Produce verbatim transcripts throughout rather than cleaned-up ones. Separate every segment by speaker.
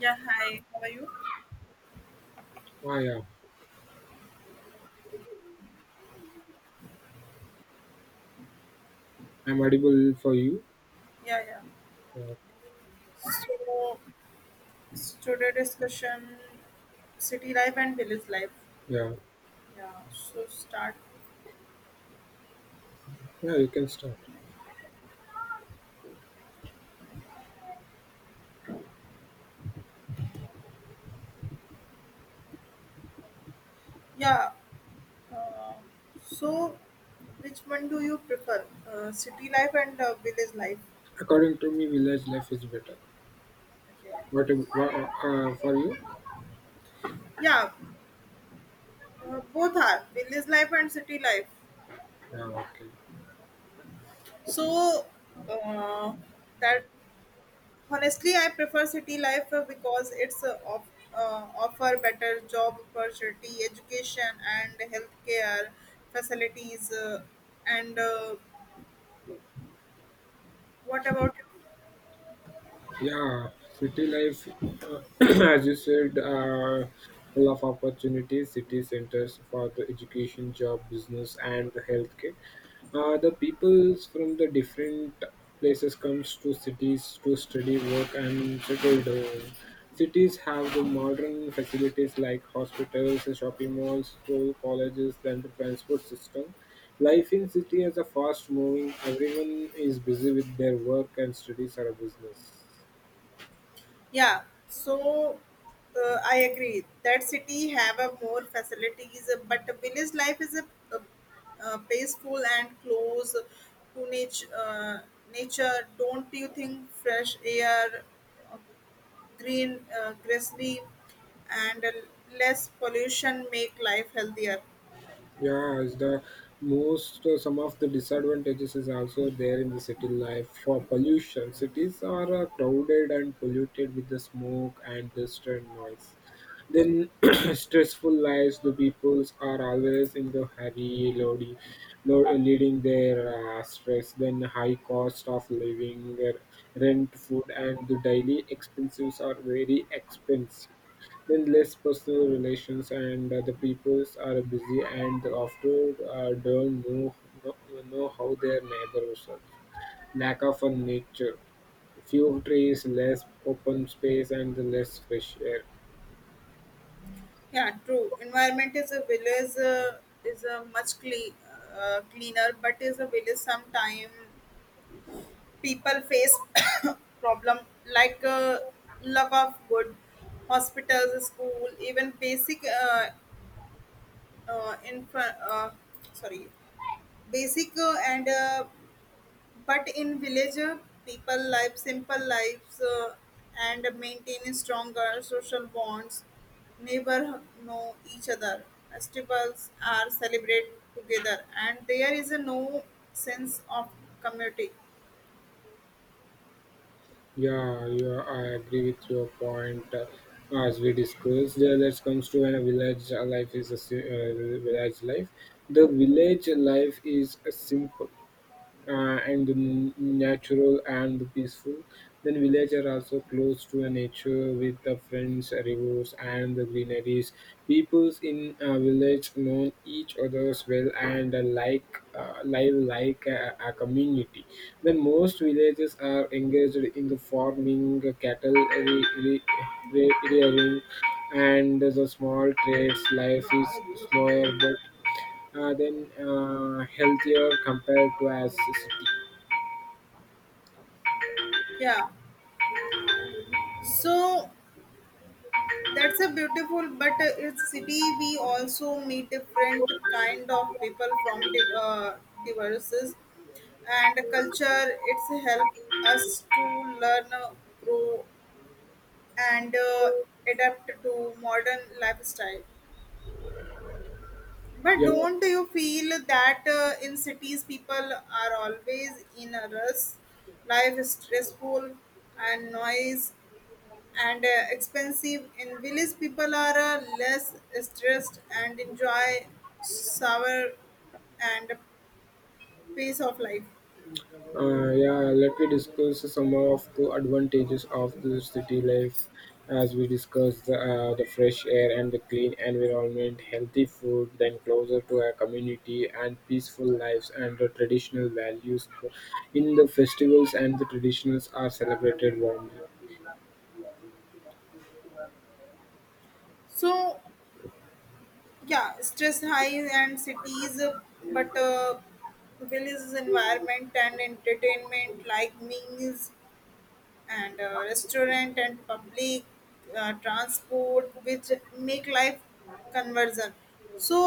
Speaker 1: Yeah, hi. How are you?
Speaker 2: Ah, yeah, I'm audible for you.
Speaker 1: Yeah, yeah.
Speaker 2: Uh,
Speaker 1: So, today discussion city life and village life.
Speaker 2: yeah,
Speaker 1: Yeah, so start.
Speaker 2: yeah, you can start.
Speaker 1: Yeah, uh, so which one do you prefer? Uh, city life and uh, village life?
Speaker 2: According to me, village life is better.
Speaker 1: Okay.
Speaker 2: What, ab- wha- uh, for you?
Speaker 1: Yeah, uh, both are village life and city life.
Speaker 2: Yeah, okay.
Speaker 1: So, uh, that Honestly, I prefer city life uh, because it's uh, off, uh, offer better job opportunity, education, and healthcare facilities. Uh, and uh, What about you?
Speaker 2: Yeah, city life, uh, as you said, uh, full of opportunities, city centers for the education, job, business, and the healthcare. Uh, the peoples from the different places comes to cities to study, work, and settle down. Cities have the modern facilities like hospitals, shopping malls, school, colleges, and the transport system. Life in city is a fast moving. Everyone is busy with their work and studies or a business.
Speaker 1: Yeah, so uh, I agree that city have a more facilities, uh, but the village life is a, a, uh peaceful and close to nature. Uh, nature, don't you think? Fresh air green, uh, grassy, and uh, less pollution make life healthier.
Speaker 2: Yeah, is the most uh, some of the disadvantages is also there in the city life for pollution. Cities are uh, crowded and polluted with the smoke and dust and noise. Then stressful lives, the peoples are always in the hurry, loady, lo- leading their uh, stress. Then high cost of living, uh, rent, food, and the daily expenses are very expensive. Then less personal relations, and uh, the peoples are busy and often uh, don't know, know know how their neighbors are. Lack of a nature few trees, less open space, and less fresh air.
Speaker 1: Yeah, true. Environment is a village uh, is a much clean, uh, cleaner, but is a village sometime people face problem like uh, lack of good hospitals, school, even basic uh, uh, infra, uh, sorry, basic uh, and uh, But in village, uh, people live simple lives uh, and maintain stronger social bonds. Neighbor know each other. Festivals are celebrated together, and there is a no sense of community.
Speaker 2: Yeah, yeah, I agree with your point. Uh, as we discussed, uh, let's comes to when a village uh, life is a si- uh, village life. The village life is a simple uh, and n- natural and peaceful. Then villages are also close to the nature with the friends, rivers, and the greeneries. Peoples in uh, village know each other's well and uh, like uh, live like a, a community. Then most villages are engaged in the farming, uh, cattle re- re- re- rearing, and the small trades. Life is slower, but uh, then uh, healthier compared to as a city.
Speaker 1: Yeah, so that's a beautiful. But uh, it's city. We also meet different kind of people from div- uh, diverses and culture it's help us to learn uh, grow and uh, adapt to modern lifestyle, but
Speaker 2: Yeah,
Speaker 1: don't you feel that uh, in cities people are always in a rush, life is stressful and noise and uh, expensive. In village people are uh, less stressed and enjoy sour and pace of life.
Speaker 2: uh, yeah. Let me discuss some of the advantages of the city life, as we discussed the, uh, the fresh air and the clean environment, healthy food, then closer to a community and peaceful lives and the traditional values. In the festivals and the traditionals are celebrated warmly.
Speaker 1: So yeah, stress highs and cities, uh, but uh, will is environment and entertainment like meals and uh, restaurant and public uh, transport which make life conversion. So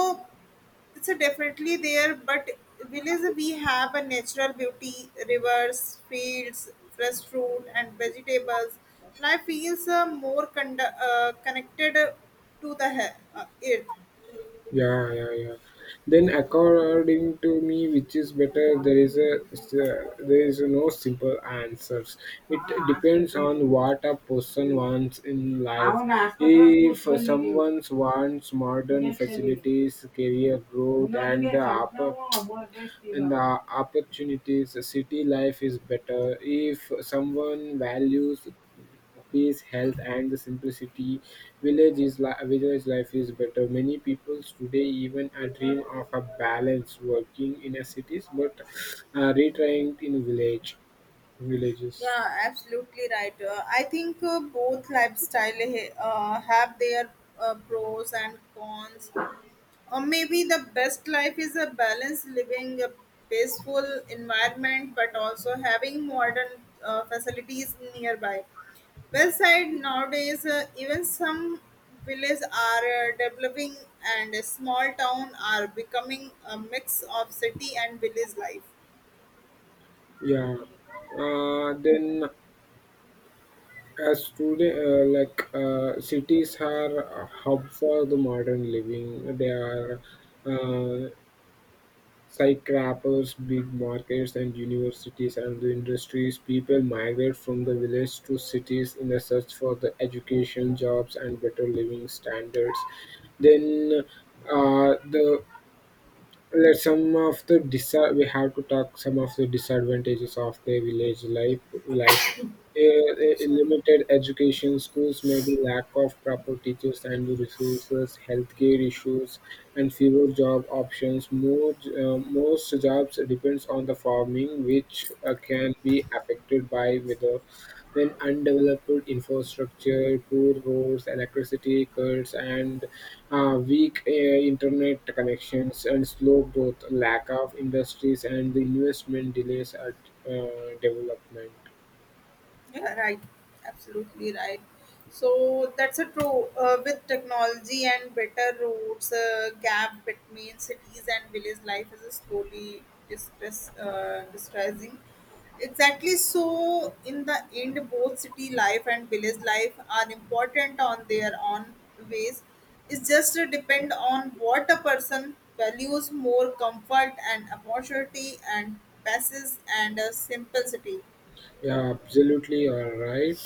Speaker 1: it's a definitely there, but village we have a natural beauty, rivers, fields, fresh fruit and vegetables. Life feels uh, more con- uh, connected to the he- uh, earth.
Speaker 2: Yeah, yeah, yeah. Then according to me, which is better, there is a there is no simple answers. It depends on what a person wants in life. If someone wants modern facilities, career growth, and the oppor- and the opportunities, city life is better. If someone values peace, health, and the simplicity. Village is li- village life is better. Many people today even a dream of a balance working in a cities, but uh, retiring in village villages.
Speaker 1: Yeah, absolutely right. Uh, I think uh, both lifestyle ha- uh, have their uh, pros and cons. Or maybe the best life is a balanced living, a peaceful environment, but also having modern uh, facilities nearby. Well side nowadays, uh, even some villages are uh, developing, and a small town are becoming a mix of city and village life.
Speaker 2: Yeah. Uh, then as today, uh, like uh, cities are a hub for the modern living. They are. Uh, Skyscrapers, big markets, and universities and the industries people migrate from the village to cities in the search for the education, jobs, and better living standards. Then uh, the let some of the disa- we have to talk some of the disadvantages of the village life. Life, Eh, eh, limited education, schools, maybe lack of proper teachers and resources, healthcare issues, and fewer job options. Most uh, most jobs depends on the farming, which uh, can be affected by weather then, undeveloped infrastructure, poor roads, electricity cuts, and uh, weak uh, internet connections and slow growth, lack of industries, and the investment delays at uh, development.
Speaker 1: Yeah, right. Absolutely right. So that's a true. Uh, with technology and better roads, uh, gap between cities and village life is slowly distress, uh, distressing. Exactly. So in the end, both city life and village life are important on their own ways. It just depend on what a person values more, comfort and opportunity and passes and a simplicity.
Speaker 2: Yeah, absolutely, all right.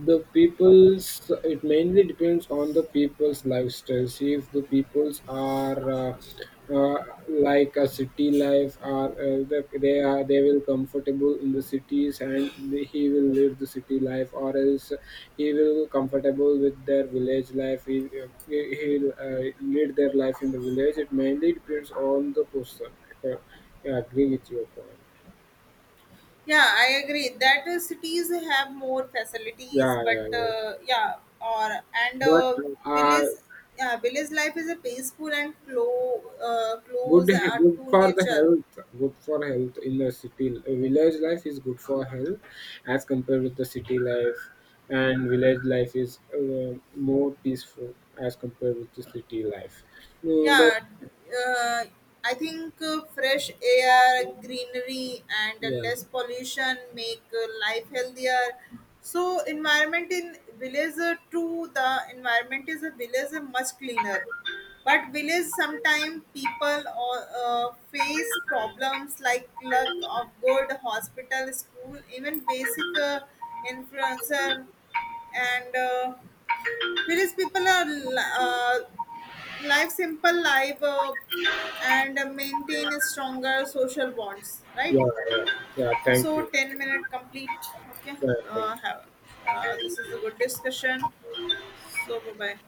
Speaker 2: The people's it mainly depends on the people's lifestyle. See if the peoples are uh, uh, like a city life, or uh, the, they are they will comfortable in the cities, and they- he will live the city life, or else he will comfortable with their village life. He he he will uh, lead their life in the village. It mainly depends on the person. I co- I agree with your point.
Speaker 1: Yeah, I agree that uh, cities have more facilities,
Speaker 2: Yeah,
Speaker 1: but
Speaker 2: yeah, yeah,
Speaker 1: uh, yeah, or and
Speaker 2: but
Speaker 1: uh,
Speaker 2: uh,
Speaker 1: village, yeah, village life is a peaceful and clo- uh,
Speaker 2: good
Speaker 1: close uh,
Speaker 2: good
Speaker 1: to
Speaker 2: for the
Speaker 1: nature.
Speaker 2: health, good for health in the city, uh, village life is good for health as compared with the city life, and village life is uh, more peaceful as compared with the city life, you know, that,
Speaker 1: Yeah, uh, I think uh, fresh air, greenery and
Speaker 2: yeah,
Speaker 1: less pollution make uh, life healthier. So environment in village uh, too the environment is a village uh, much cleaner, but village sometimes people or uh, face problems like lack of good hospital, school, even basic uh, infrastructure. And uh, Village people are uh, live simple life uh, and maintain stronger social bonds, right?
Speaker 2: yeah, yeah, yeah, thank
Speaker 1: So
Speaker 2: you.
Speaker 1: ten minute complete, okay?
Speaker 2: Yeah, thank
Speaker 1: uh,
Speaker 2: you.
Speaker 1: have, uh, this is a good discussion. So bye bye.